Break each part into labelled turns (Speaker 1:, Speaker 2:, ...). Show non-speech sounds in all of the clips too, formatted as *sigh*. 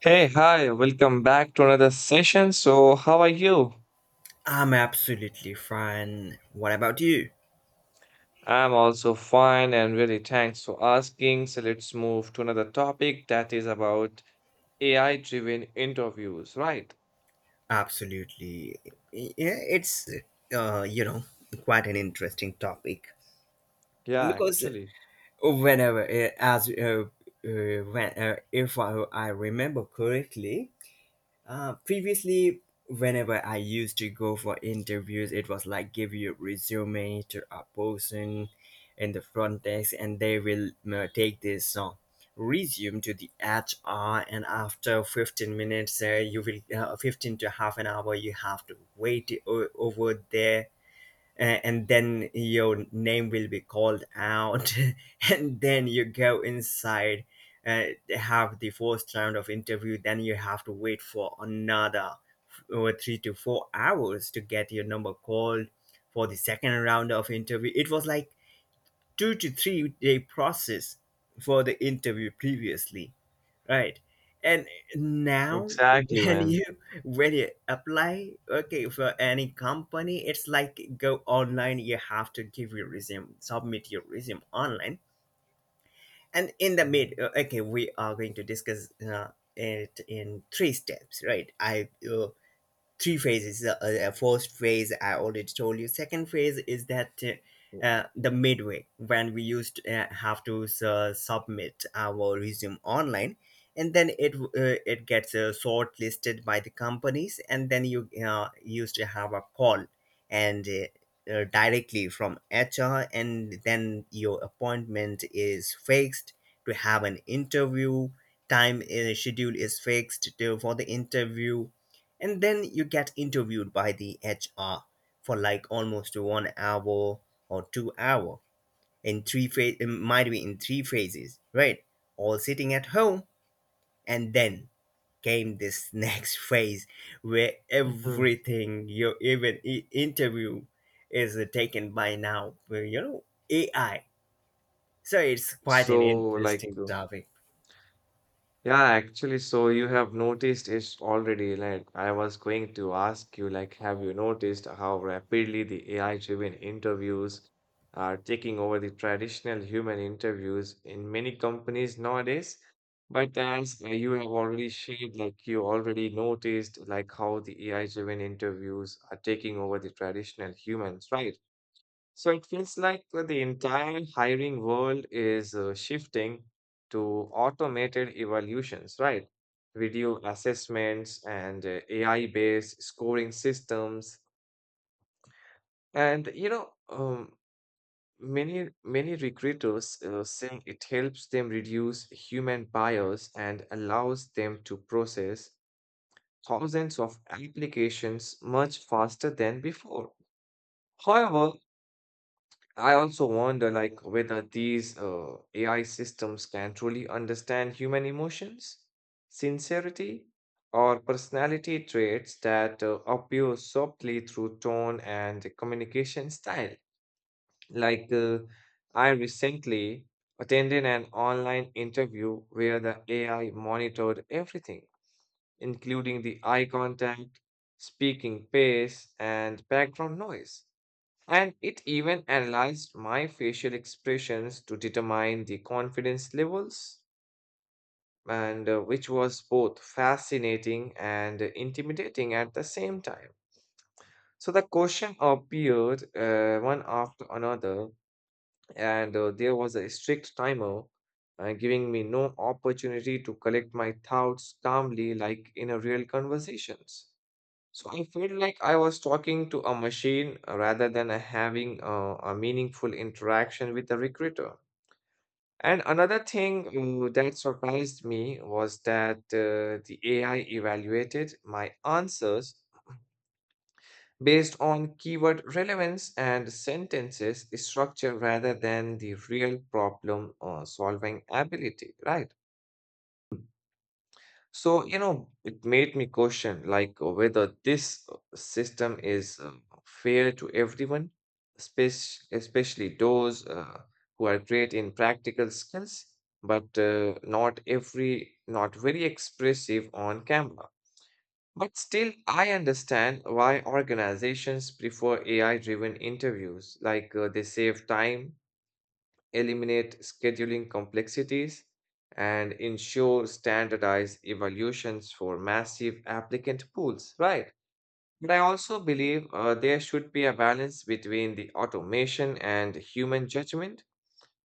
Speaker 1: Hey, hi, welcome back to another session. So, how are you?
Speaker 2: I'm absolutely fine. What about you?
Speaker 1: I'm also fine and really thanks for asking. So, let's move to another topic that is about AI driven interviews, right?
Speaker 2: Absolutely. Yeah, it's uh, you know quite an interesting topic
Speaker 1: Yeah,
Speaker 2: because
Speaker 1: actually.
Speaker 2: whenever uh, as uh, uh, when if I remember correctly, previously, whenever I used to go for interviews, it was like give your resume to a person in the front desk, and they will take this resume to the HR, and after 15 minutes, you will 15 to half an hour, you have to wait over there and then your name will be called out. *laughs* And then you go inside, uh, have the first round of interview. Then you have to wait for another 3 to 4 hours to get your number called for the second round of interview. It was like 2 to 3 day process for the interview previously, right? And now
Speaker 1: Exactly,
Speaker 2: when
Speaker 1: man.
Speaker 2: you, when you apply, okay, for any company, it's like go online, you have to give your resume, submit your resume online. And in the mid,
Speaker 1: Mhm.
Speaker 2: okay, we are going to discuss it in three steps, right I three phases. First phase I already told you. Second phase is that the midway, when we used have to submit our resume online, and then it gets shortlisted by the companies, and then you used to have a call and. Directly from HR, and then your appointment is fixed to have an interview. Time schedule is fixed for the interview, and then you get interviewed by the HR for like almost one hour or 2 hour in three phase, it might be in three phases, right? All sitting at home. And then came this *laughs* next phase where
Speaker 1: Mhm.
Speaker 2: everything, you even interview is taken by now where, you know, AI. So it's quite an
Speaker 1: So, like,
Speaker 2: interesting topic.
Speaker 1: yeah, actually, so you have noticed it already. Like, I was going to ask you, like, have you noticed how rapidly the AI-driven interviews are taking over the traditional human interviews in many companies nowadays? But as you have already shared, like, you already noticed, like, how the AI-driven interviews are taking over the traditional humans, right? So it feels like the entire hiring world is shifting to automated evaluations, right? Video assessments and AI-based scoring systems. And many recruiters saying it helps them reduce human bias and allows them to process thousands of applications much faster than before. However, I also wonder like whether these AI systems can truly understand human emotions, sincerity, or personality traits that appear softly through tone and communication style. Like I recently attended an online interview where the AI monitored everything, including the eye contact, speaking pace, and background noise. And it even analyzed my facial expressions to determine the confidence levels, and which was both fascinating and intimidating at the same time. So the question appeared one after another, and there was a strict timer giving me no opportunity to collect my thoughts calmly like in a real conversations. So I felt like I was talking to a machine rather than having a meaningful interaction with the recruiter. And another thing that surprised me was that the AI evaluated my answers based on keyword relevance and sentences structure rather than the real problem solving ability, right? So, it made me question like whether this system is fair to everyone, especially those who are great in practical skills, but not very expressive on camera. But still, I understand why organizations prefer AI-driven interviews, like they save time, eliminate scheduling complexities, and ensure standardized evaluations for massive applicant pools, right? But I also believe there should be a balance between the automation and human judgment,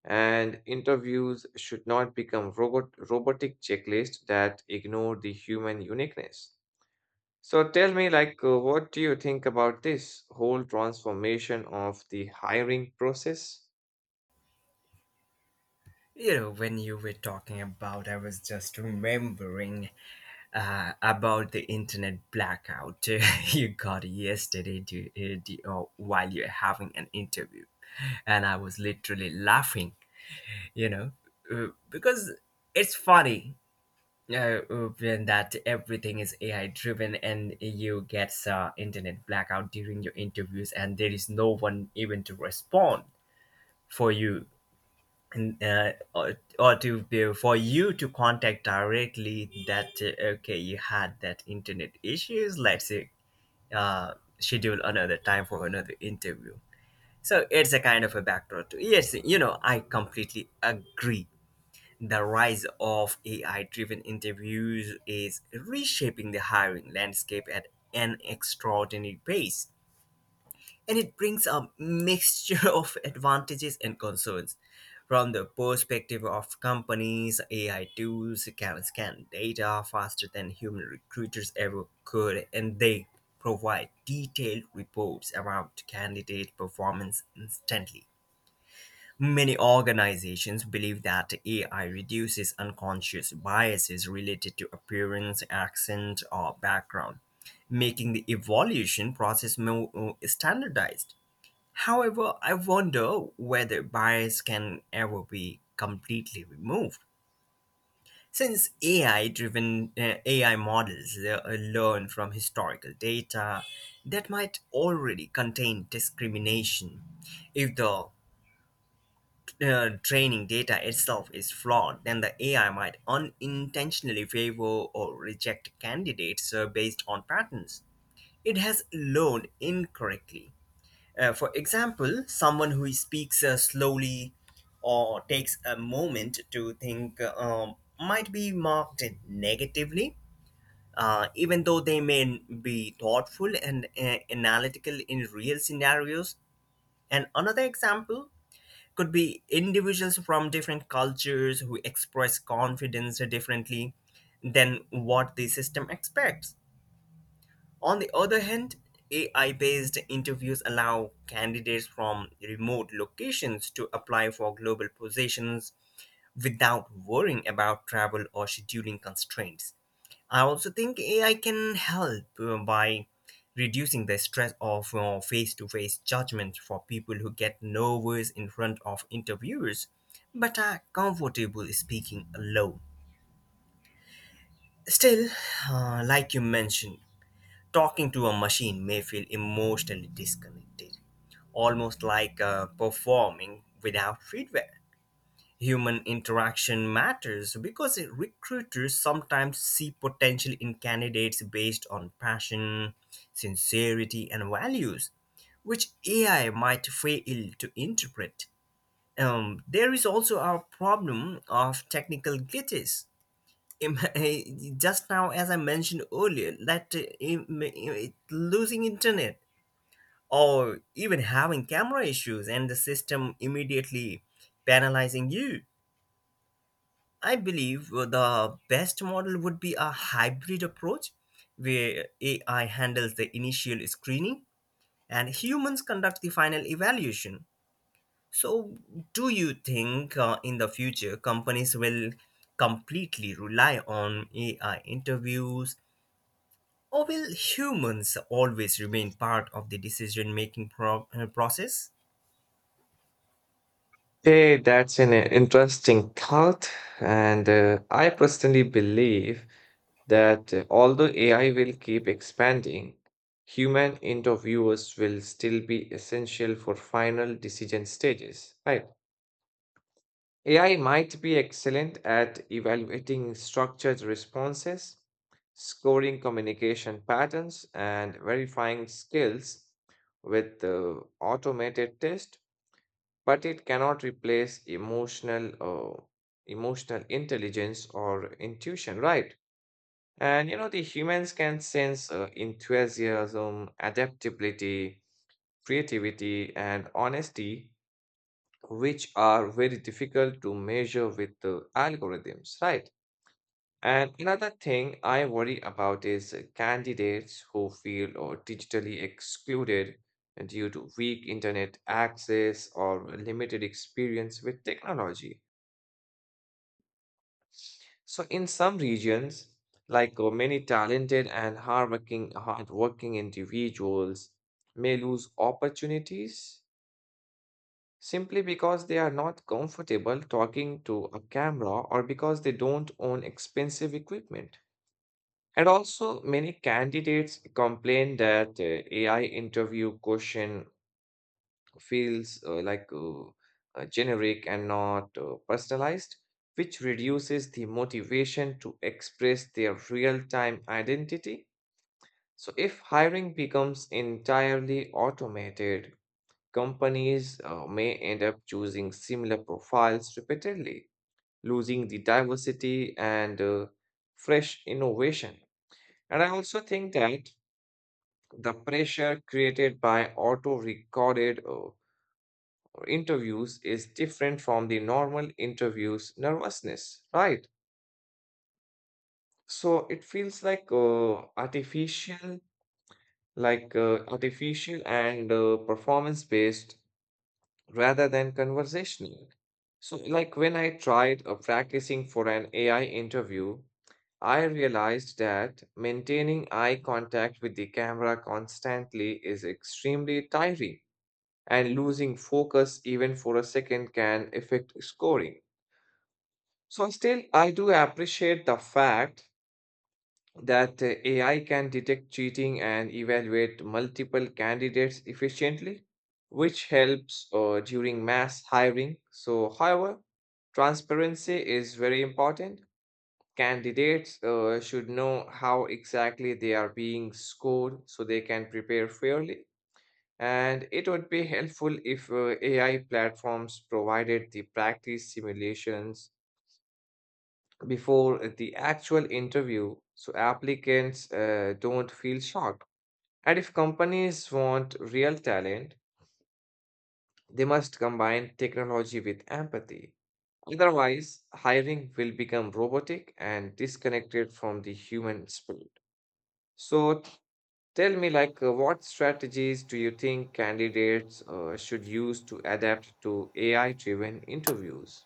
Speaker 1: and interviews should not become robotic checklists that ignore the human uniqueness. So tell me, like, what do you think about this whole transformation of the hiring process?
Speaker 2: You know, when you were talking about, I was just remembering about the internet blackout *laughs* you got yesterday, or while you're having an interview. And I was literally laughing, you know, because it's funny, uh, when that everything is AI driven and you get internet blackout during your interviews and there is no one even to respond for you, for you to contact directly, that, okay, you had that internet issues, let's, schedule another time for another interview. So it's a kind of a backdoor to, yes, you know, I completely agree. The rise of AI driven interviews is reshaping the hiring landscape at an extraordinary pace, and it brings a mixture *laughs* of advantages and concerns. From the perspective of companies, AI tools can scan data faster than human recruiters ever could, and they provide detailed reports about candidate performance instantly. Many organizations believe that AI reduces unconscious biases related to appearance, accent, or background, making the evaluation process more standardized. However, I wonder whether bias can ever be completely removed. Since AI driven, AI models learn from historical data that might already contain discrimination. If the training data itself is flawed, then the AI might unintentionally favor or reject candidates based on patterns it has learned incorrectly. For example, someone who speaks slowly or takes a moment to think, might be marked negatively, even though they may be thoughtful and analytical in real scenarios. And another example could be individuals from different cultures who express confidence differently than what the system expects. On the other hand, AI based interviews allow candidates from remote locations to apply for global positions without worrying about travel or scheduling constraints. I also think AI can help by reducing the stress of face to face judgment for people who get nervous in front of interviewers but are comfortable speaking alone. Still, like you mentioned, talking to a machine may feel emotionally disconnected, almost like performing without feedback. Human interaction matters because recruiters sometimes see potential in candidates based on passion, sincerity, and values, which AI might fail to interpret. There is also our problem of technical glitches. Im- *laughs* just now, as I mentioned earlier, that losing internet or even having camera issues, and the system immediately penalizing you. I believe the best model would be a hybrid approach where AI handles the initial screening and humans conduct the final evaluation. So, do you think, in the future, companies will completely rely on AI interviews? Or will humans always remain part of the decision making process?
Speaker 1: Hey, that's an interesting thought. And I personally believe that although AI will keep expanding, human interviewers will still be essential for final decision stages, right? AI might be excellent at evaluating structured responses, scoring communication patterns, and verifying skills with automated tests, but it cannot replace emotional intelligence or intuition, right? And the humans can sense enthusiasm, adaptability, creativity, and honesty, which are very difficult to measure with the algorithms, right? And another thing I worry about is candidates who feel or digitally excluded due to weak internet access or limited experience with technology. So in some regions, like many talented and hardworking individuals may lose opportunities simply because they are not comfortable talking to a camera or because they don't own expensive equipment. And also, many candidates complain that AI interview question feels like generic and not personalized, which reduces the motivation to express their real-time identity. So, if hiring becomes entirely automated, companies may end up choosing similar profiles repeatedly, losing the diversity and fresh innovation. And I also think that the pressure created by auto recorded interviews is different from the normal interviews nervousness, right? So it feels like artificial, and performance based rather than conversational. So, like when I tried practicing for an AI interview, I realized that maintaining eye contact with the camera constantly is extremely tiring, and losing focus even for a second can affect scoring. So, still, I do appreciate the fact that AI can detect cheating and evaluate multiple candidates efficiently, which helps during mass hiring. So, however, transparency is very important. Candidates should know how exactly they are being scored so they can prepare fairly. And it would be helpful if AI platforms provided the practice simulations before the actual interview so applicants don't feel shocked. And if companies want real talent, they must combine technology with empathy. Otherwise, hiring will become robotic and disconnected from the human spirit. So, tell me, like, what strategies do you think candidates should use to adapt to AI-driven interviews?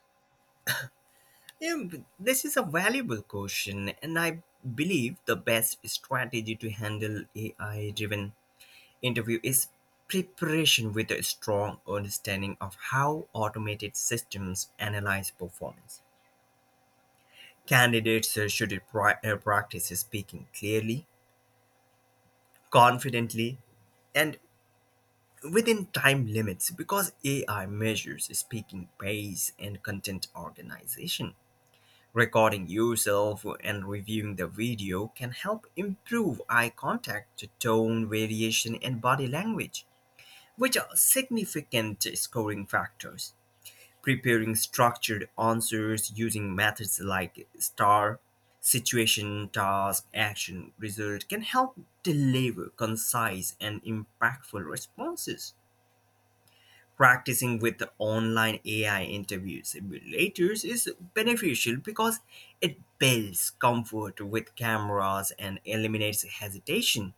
Speaker 2: This is a valuable question, and I believe the best strategy to handle AI driven interview is preparation with a strong understanding of how automated systems analyze performance. Candidates should practice speaking clearly, confidently, and within time limits because AI measures speaking pace and content organization. Recording yourself and reviewing the video can help improve eye contact, tone variation, and body language, which are significant scoring factors. Preparing structured answers using methods like STAR, situation, task, action, result, can help deliver concise and impactful responses. Practicing with online AI interview simulators is beneficial because it builds comfort with cameras and eliminates hesitation.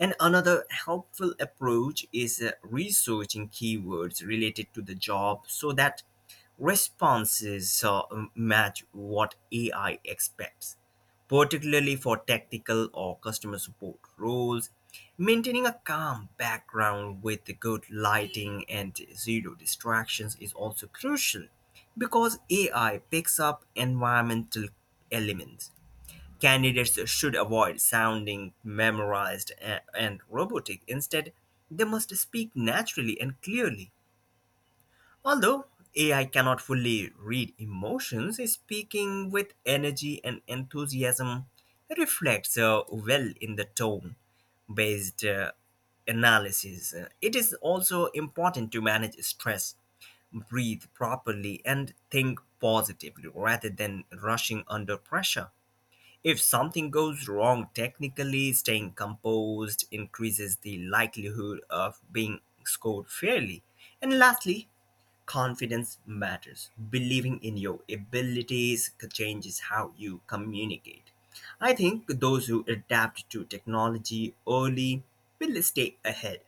Speaker 2: And another helpful approach is researching keywords related to the job so that responses match what AI expects, particularly for technical or customer support roles. Maintaining a calm background with good lighting and zero distractions is also crucial because AI picks up environmental elements. Candidates should avoid sounding memorized and robotic. Instead, they must speak naturally and clearly. Although AI cannot fully read emotions, speaking with energy and enthusiasm reflects well in the tone based analysis. It is also important to manage stress, breathe properly, and think positively rather than rushing under pressure. If something goes wrong technically, staying composed increases the likelihood of being scored fairly. And lastly, confidence matters. Believing in your abilities changes how you communicate. I think those who adapt to technology early will stay ahead.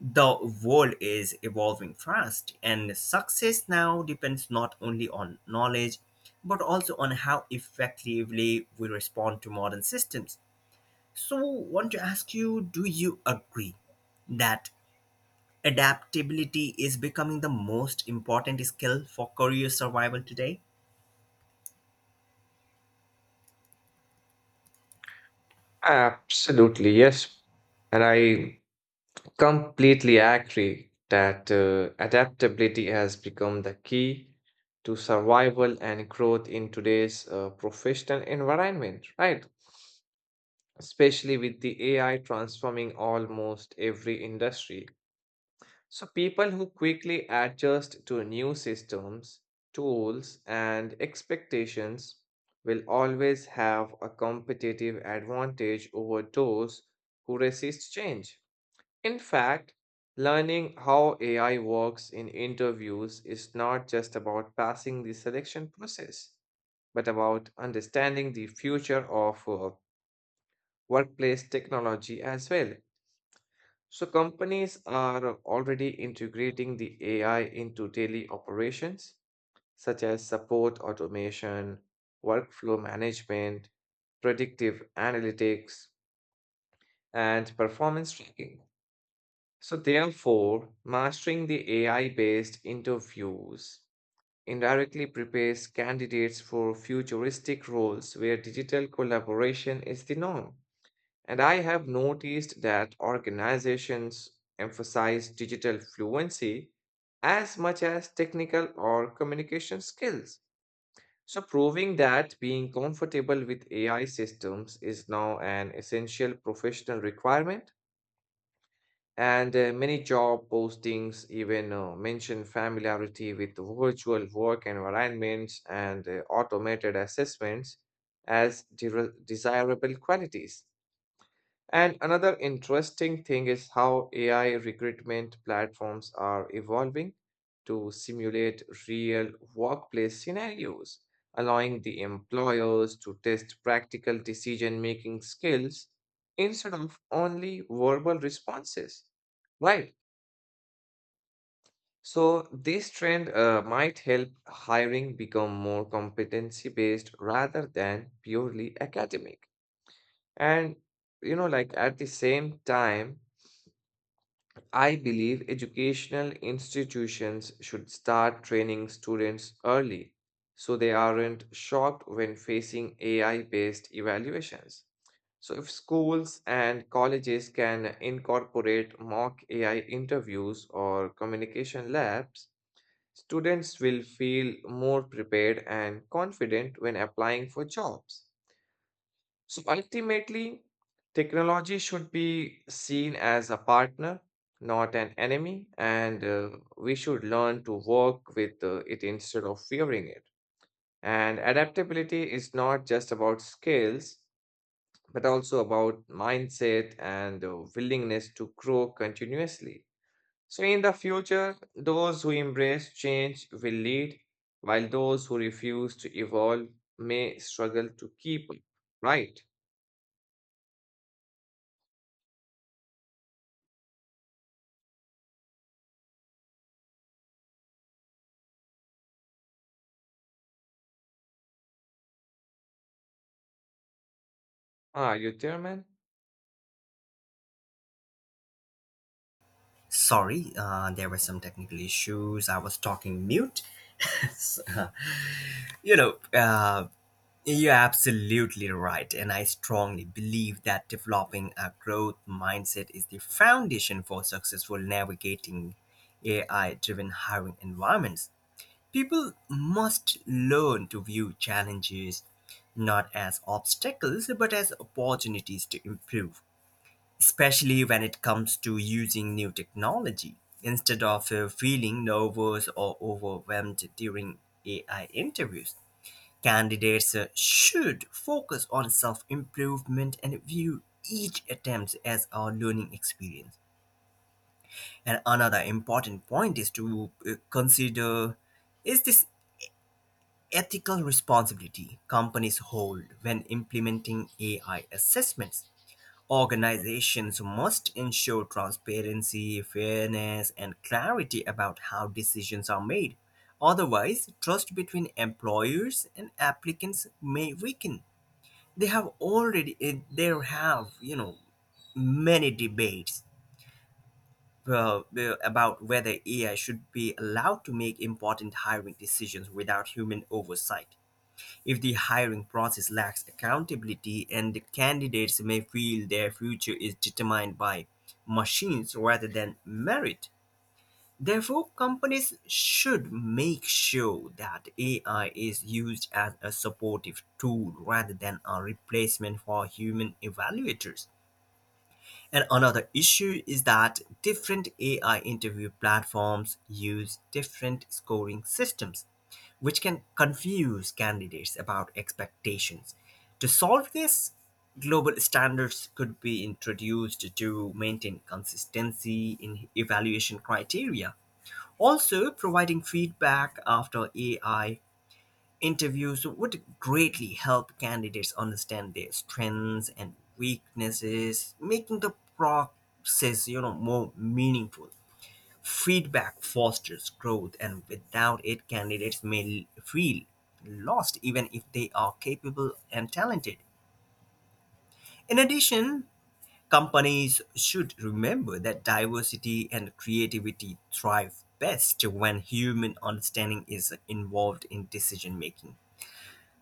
Speaker 2: The world is evolving fast, and success now depends not only on knowledge but also on how effectively we respond to modern systems. So, want to ask you, do you agree that adaptability is becoming the most important skill for career survival today?
Speaker 1: Absolutely, yes. And I completely agree that adaptability has become the key to survival and growth in today's professional environment, right? Especially with the AI transforming almost every industry. So, people who quickly adjust to new systems, tools, and expectations will always have a competitive advantage over those who resist change. In fact, learning how AI works in interviews is not just about passing the selection process, but about understanding the future of workplace technology as well. So companies are already integrating the AI into daily operations, such as support automation, workflow management, predictive analytics, and performance tracking. So therefore, mastering the AI-based interviews indirectly prepares candidates for futuristic roles where digital collaboration is the norm. And I have noticed that organizations emphasize digital fluency as much as technical or communication skills. So, proving that being comfortable with AI systems is now an essential professional requirement. And many job postings even mention familiarity with virtual work environments and automated assessments as desirable qualities. And another interesting thing is how AI recruitment platforms are evolving to simulate real workplace scenarios, allowing the employers to test practical decision-making skills instead of only verbal responses. Right. So this trend might help hiring become more competency-based rather than purely academic. And like at the same time, I believe educational institutions should start training students early so they aren't shocked when facing AI based evaluations. So, if schools and colleges can incorporate mock AI interviews or communication labs, students will feel more prepared and confident when applying for jobs. So ultimately, technology should be seen as a partner, not an enemy, and we should learn to work with it instead of fearing it. And adaptability is not just about skills, but also about mindset and willingness to grow continuously. So, in the future, those who embrace change will lead, while those who refuse to evolve may struggle to keep up. Right? Are you there, man?
Speaker 2: Sorry, there were some technical issues. I was talking mute. *laughs* So, you know, you're absolutely right, and I strongly believe that developing a growth mindset is the foundation for successful navigating AI driven hiring environments. People must learn to view challenges not as obstacles but as opportunities to improve, especially when it comes to using new technology. Instead of feeling nervous or overwhelmed during AI interviews, candidates should focus on self improvement and view each attempt as a learning experience. And another important point is to consider is this ethical responsibility companies hold when implementing AI assessments. Organizations must ensure transparency, fairness, and clarity about how decisions are made. Otherwise, trust between employers and applicants may weaken. They have already eh, There have, you know, many debates, about whether AI should be allowed to make important hiring decisions without human oversight. If the hiring process lacks accountability, and the candidates may feel their future is determined by machines rather than merit, therefore, companies should make sure that AI is used as a supportive tool rather than a replacement for human evaluators. And another issue is that different AI interview platforms use different scoring systems, which can confuse candidates about expectations. To solve this, global standards could be introduced to maintain consistency in evaluation criteria. Also, providing feedback after AI interviews would greatly help candidates understand their strengths and weaknesses, making the process, you know, more meaningful. Feedback fosters growth, and without it, candidates may feel lost even if they are capable and talented. In addition, companies should remember that diversity and creativity thrive best when human understanding is involved in decision making.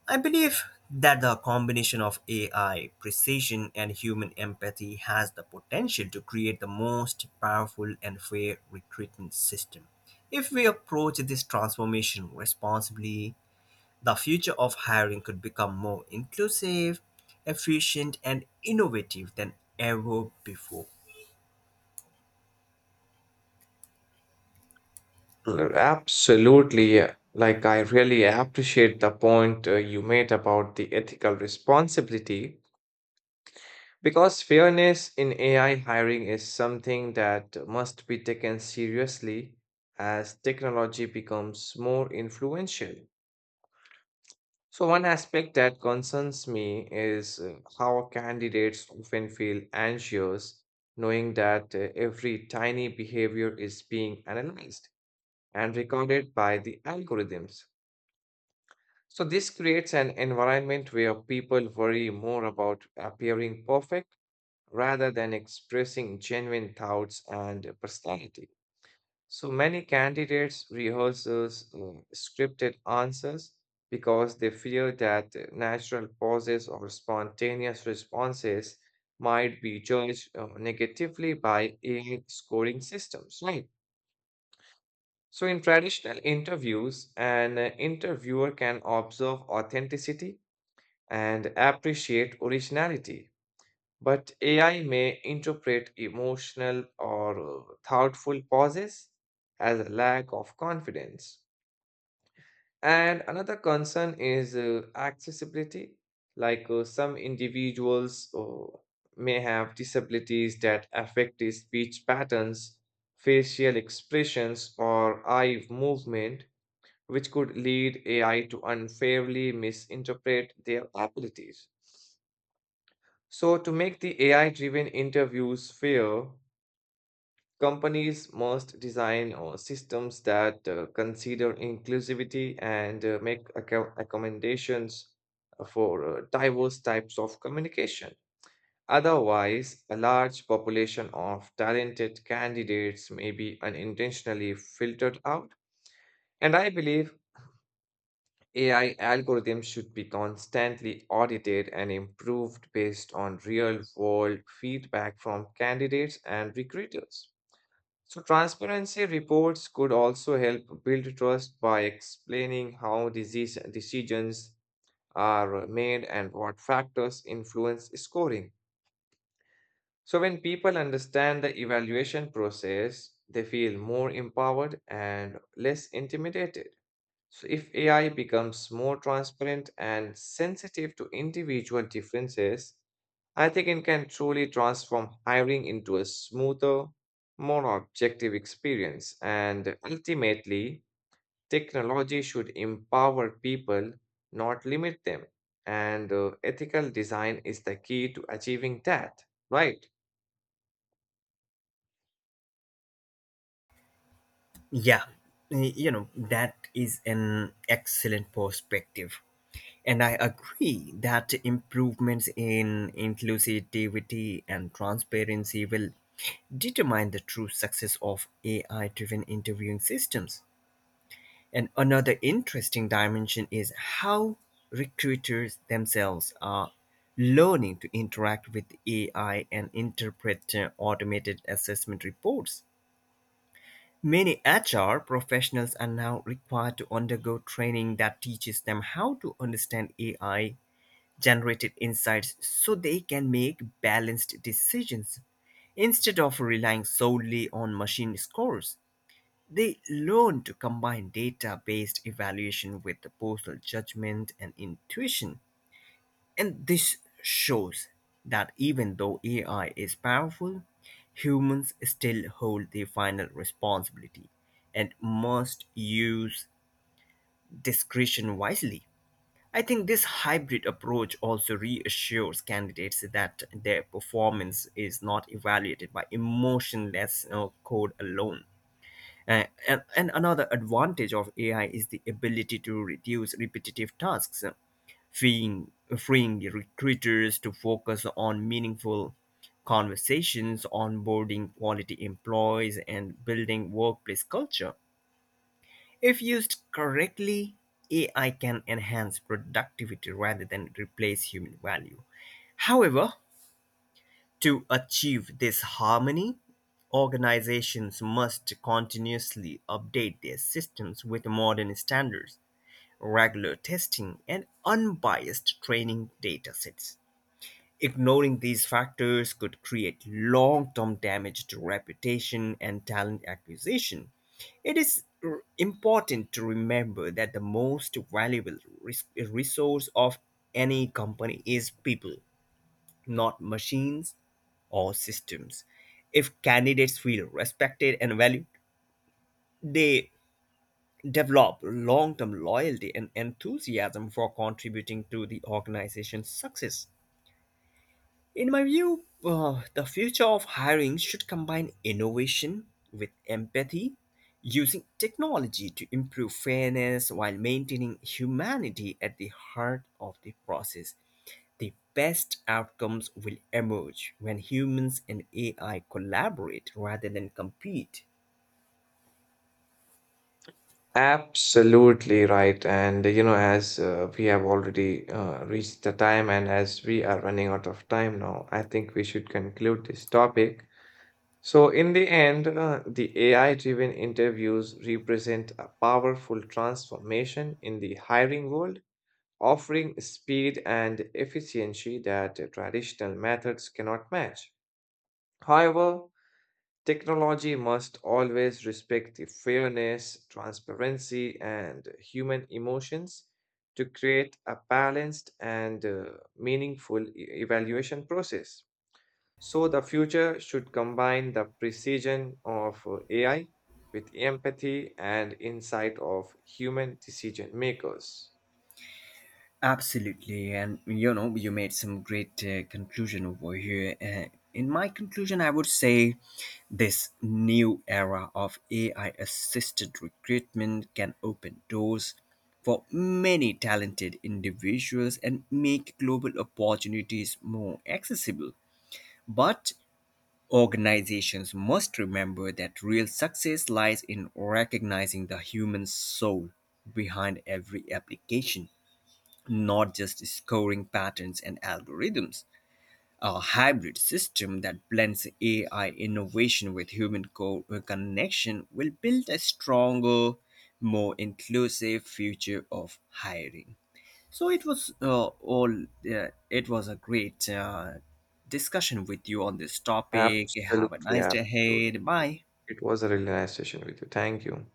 Speaker 2: I believe that the combination of AI precision and human empathy has the potential to create the most powerful and fair recruitment system. If we approach this transformation responsibly, the future of hiring could become more inclusive, efficient, and innovative than ever before.
Speaker 1: Mm, absolutely, yeah. Like, I really appreciate the point you made about the ethical responsibility because fairness in AI hiring is something that must be taken seriously as technology becomes more influential. So, one aspect that concerns me is how candidates often feel anxious knowing that every tiny behavior is being analyzed and recorded by the algorithms. So this creates an environment where people worry more about appearing perfect rather than expressing genuine thoughts and personality. So many candidates rehearses scripted answers because they fear that natural pauses or spontaneous responses might be judged negatively by AI scoring systems, right? So in traditional interviews, an interviewer can observe authenticity and appreciate originality. But AI may interpret emotional or thoughtful pauses as a lack of confidence. And another concern is accessibility. Like some individuals may have disabilities that affect the speech patterns, facial expressions, or eye movement, which could lead AI to unfairly misinterpret their abilities. So, to make the AI driven interviews fair, companies must design systems that consider inclusivity and make accommodations for diverse types of communication. Otherwise, a large population of talented candidates may be unintentionally filtered out. And I believe AI algorithms should be constantly audited and improved based on real-world feedback from candidates and recruiters. So, transparency reports could also help build trust by explaining how disease decisions are made and what factors influence scoring. So, when people understand the evaluation process, they feel more empowered and less intimidated. So, if AI becomes more transparent and sensitive to individual differences, I think it can truly transform hiring into a smoother, more objective experience. And ultimately, technology should empower people, not limit them. And ethical design is the key to achieving that, right?
Speaker 2: Yeah, you know, that is an excellent perspective. And I agree that improvements in inclusivity and transparency will determine the true success of AI driven interviewing systems. And another interesting dimension is how recruiters themselves are learning to interact with AI and interpret automated assessment reports. Many HR professionals are now required to undergo training that teaches them how to understand AI generated insights so they can make balanced decisions. Instead of relying solely on machine scores, they learn to combine data based evaluation with the personal judgment and intuition. And this shows that even though AI is powerful, humans still hold the final responsibility and must use discretion wisely. I think this hybrid approach also reassures candidates that their performance is not evaluated by emotionless code alone. And another advantage of AI is the ability to reduce repetitive tasks, freeing, freeing recruiters to focus on meaningful conversations, onboarding quality employees, and building workplace culture. If used correctly, AI can enhance productivity rather than replace human value. However, to achieve this harmony, organizations must continuously update their systems with modern standards, regular testing, and unbiased training datasets. Ignoring these factors could create long term damage to reputation and talent acquisition. It is important to remember that the most valuable resource of any company is people, not machines or systems. If candidates feel respected and valued, they develop long term loyalty and enthusiasm for contributing to the organization's success. In my view, the future of hiring should combine innovation with empathy, using technology to improve fairness while maintaining humanity at the heart of the process. The best outcomes will emerge when humans and AI collaborate rather than compete.
Speaker 1: Absolutely right. And as we have already reached the time, and as we are running out of time now, I think we should conclude this topic. So, in the end, the AI driven interviews represent a powerful transformation in the hiring world, offering speed and efficiency that traditional methods cannot match. However, technology must always respect the fairness, transparency, and human emotions to create a balanced and meaningful evaluation process. So, the future should combine the precision of AI with empathy and insight of human decision makers.
Speaker 2: Absolutely, and you know, you made some great conclusion over here. In my conclusion, I would say this new era of AI assisted recruitment can open doors for many talented individuals and make global opportunities more accessible. But organizations must remember that real success lies in recognizing the human soul behind every application, not just scoring patterns and algorithms. A hybrid system that blends AI innovation with human connection will build a stronger, more inclusive future of hiring. So it was all. It was a great discussion with you on this topic. Have a
Speaker 1: Absolutely,
Speaker 2: nice day
Speaker 1: absolutely.
Speaker 2: ahead. Bye.
Speaker 1: It was a really nice session with you. Thank you.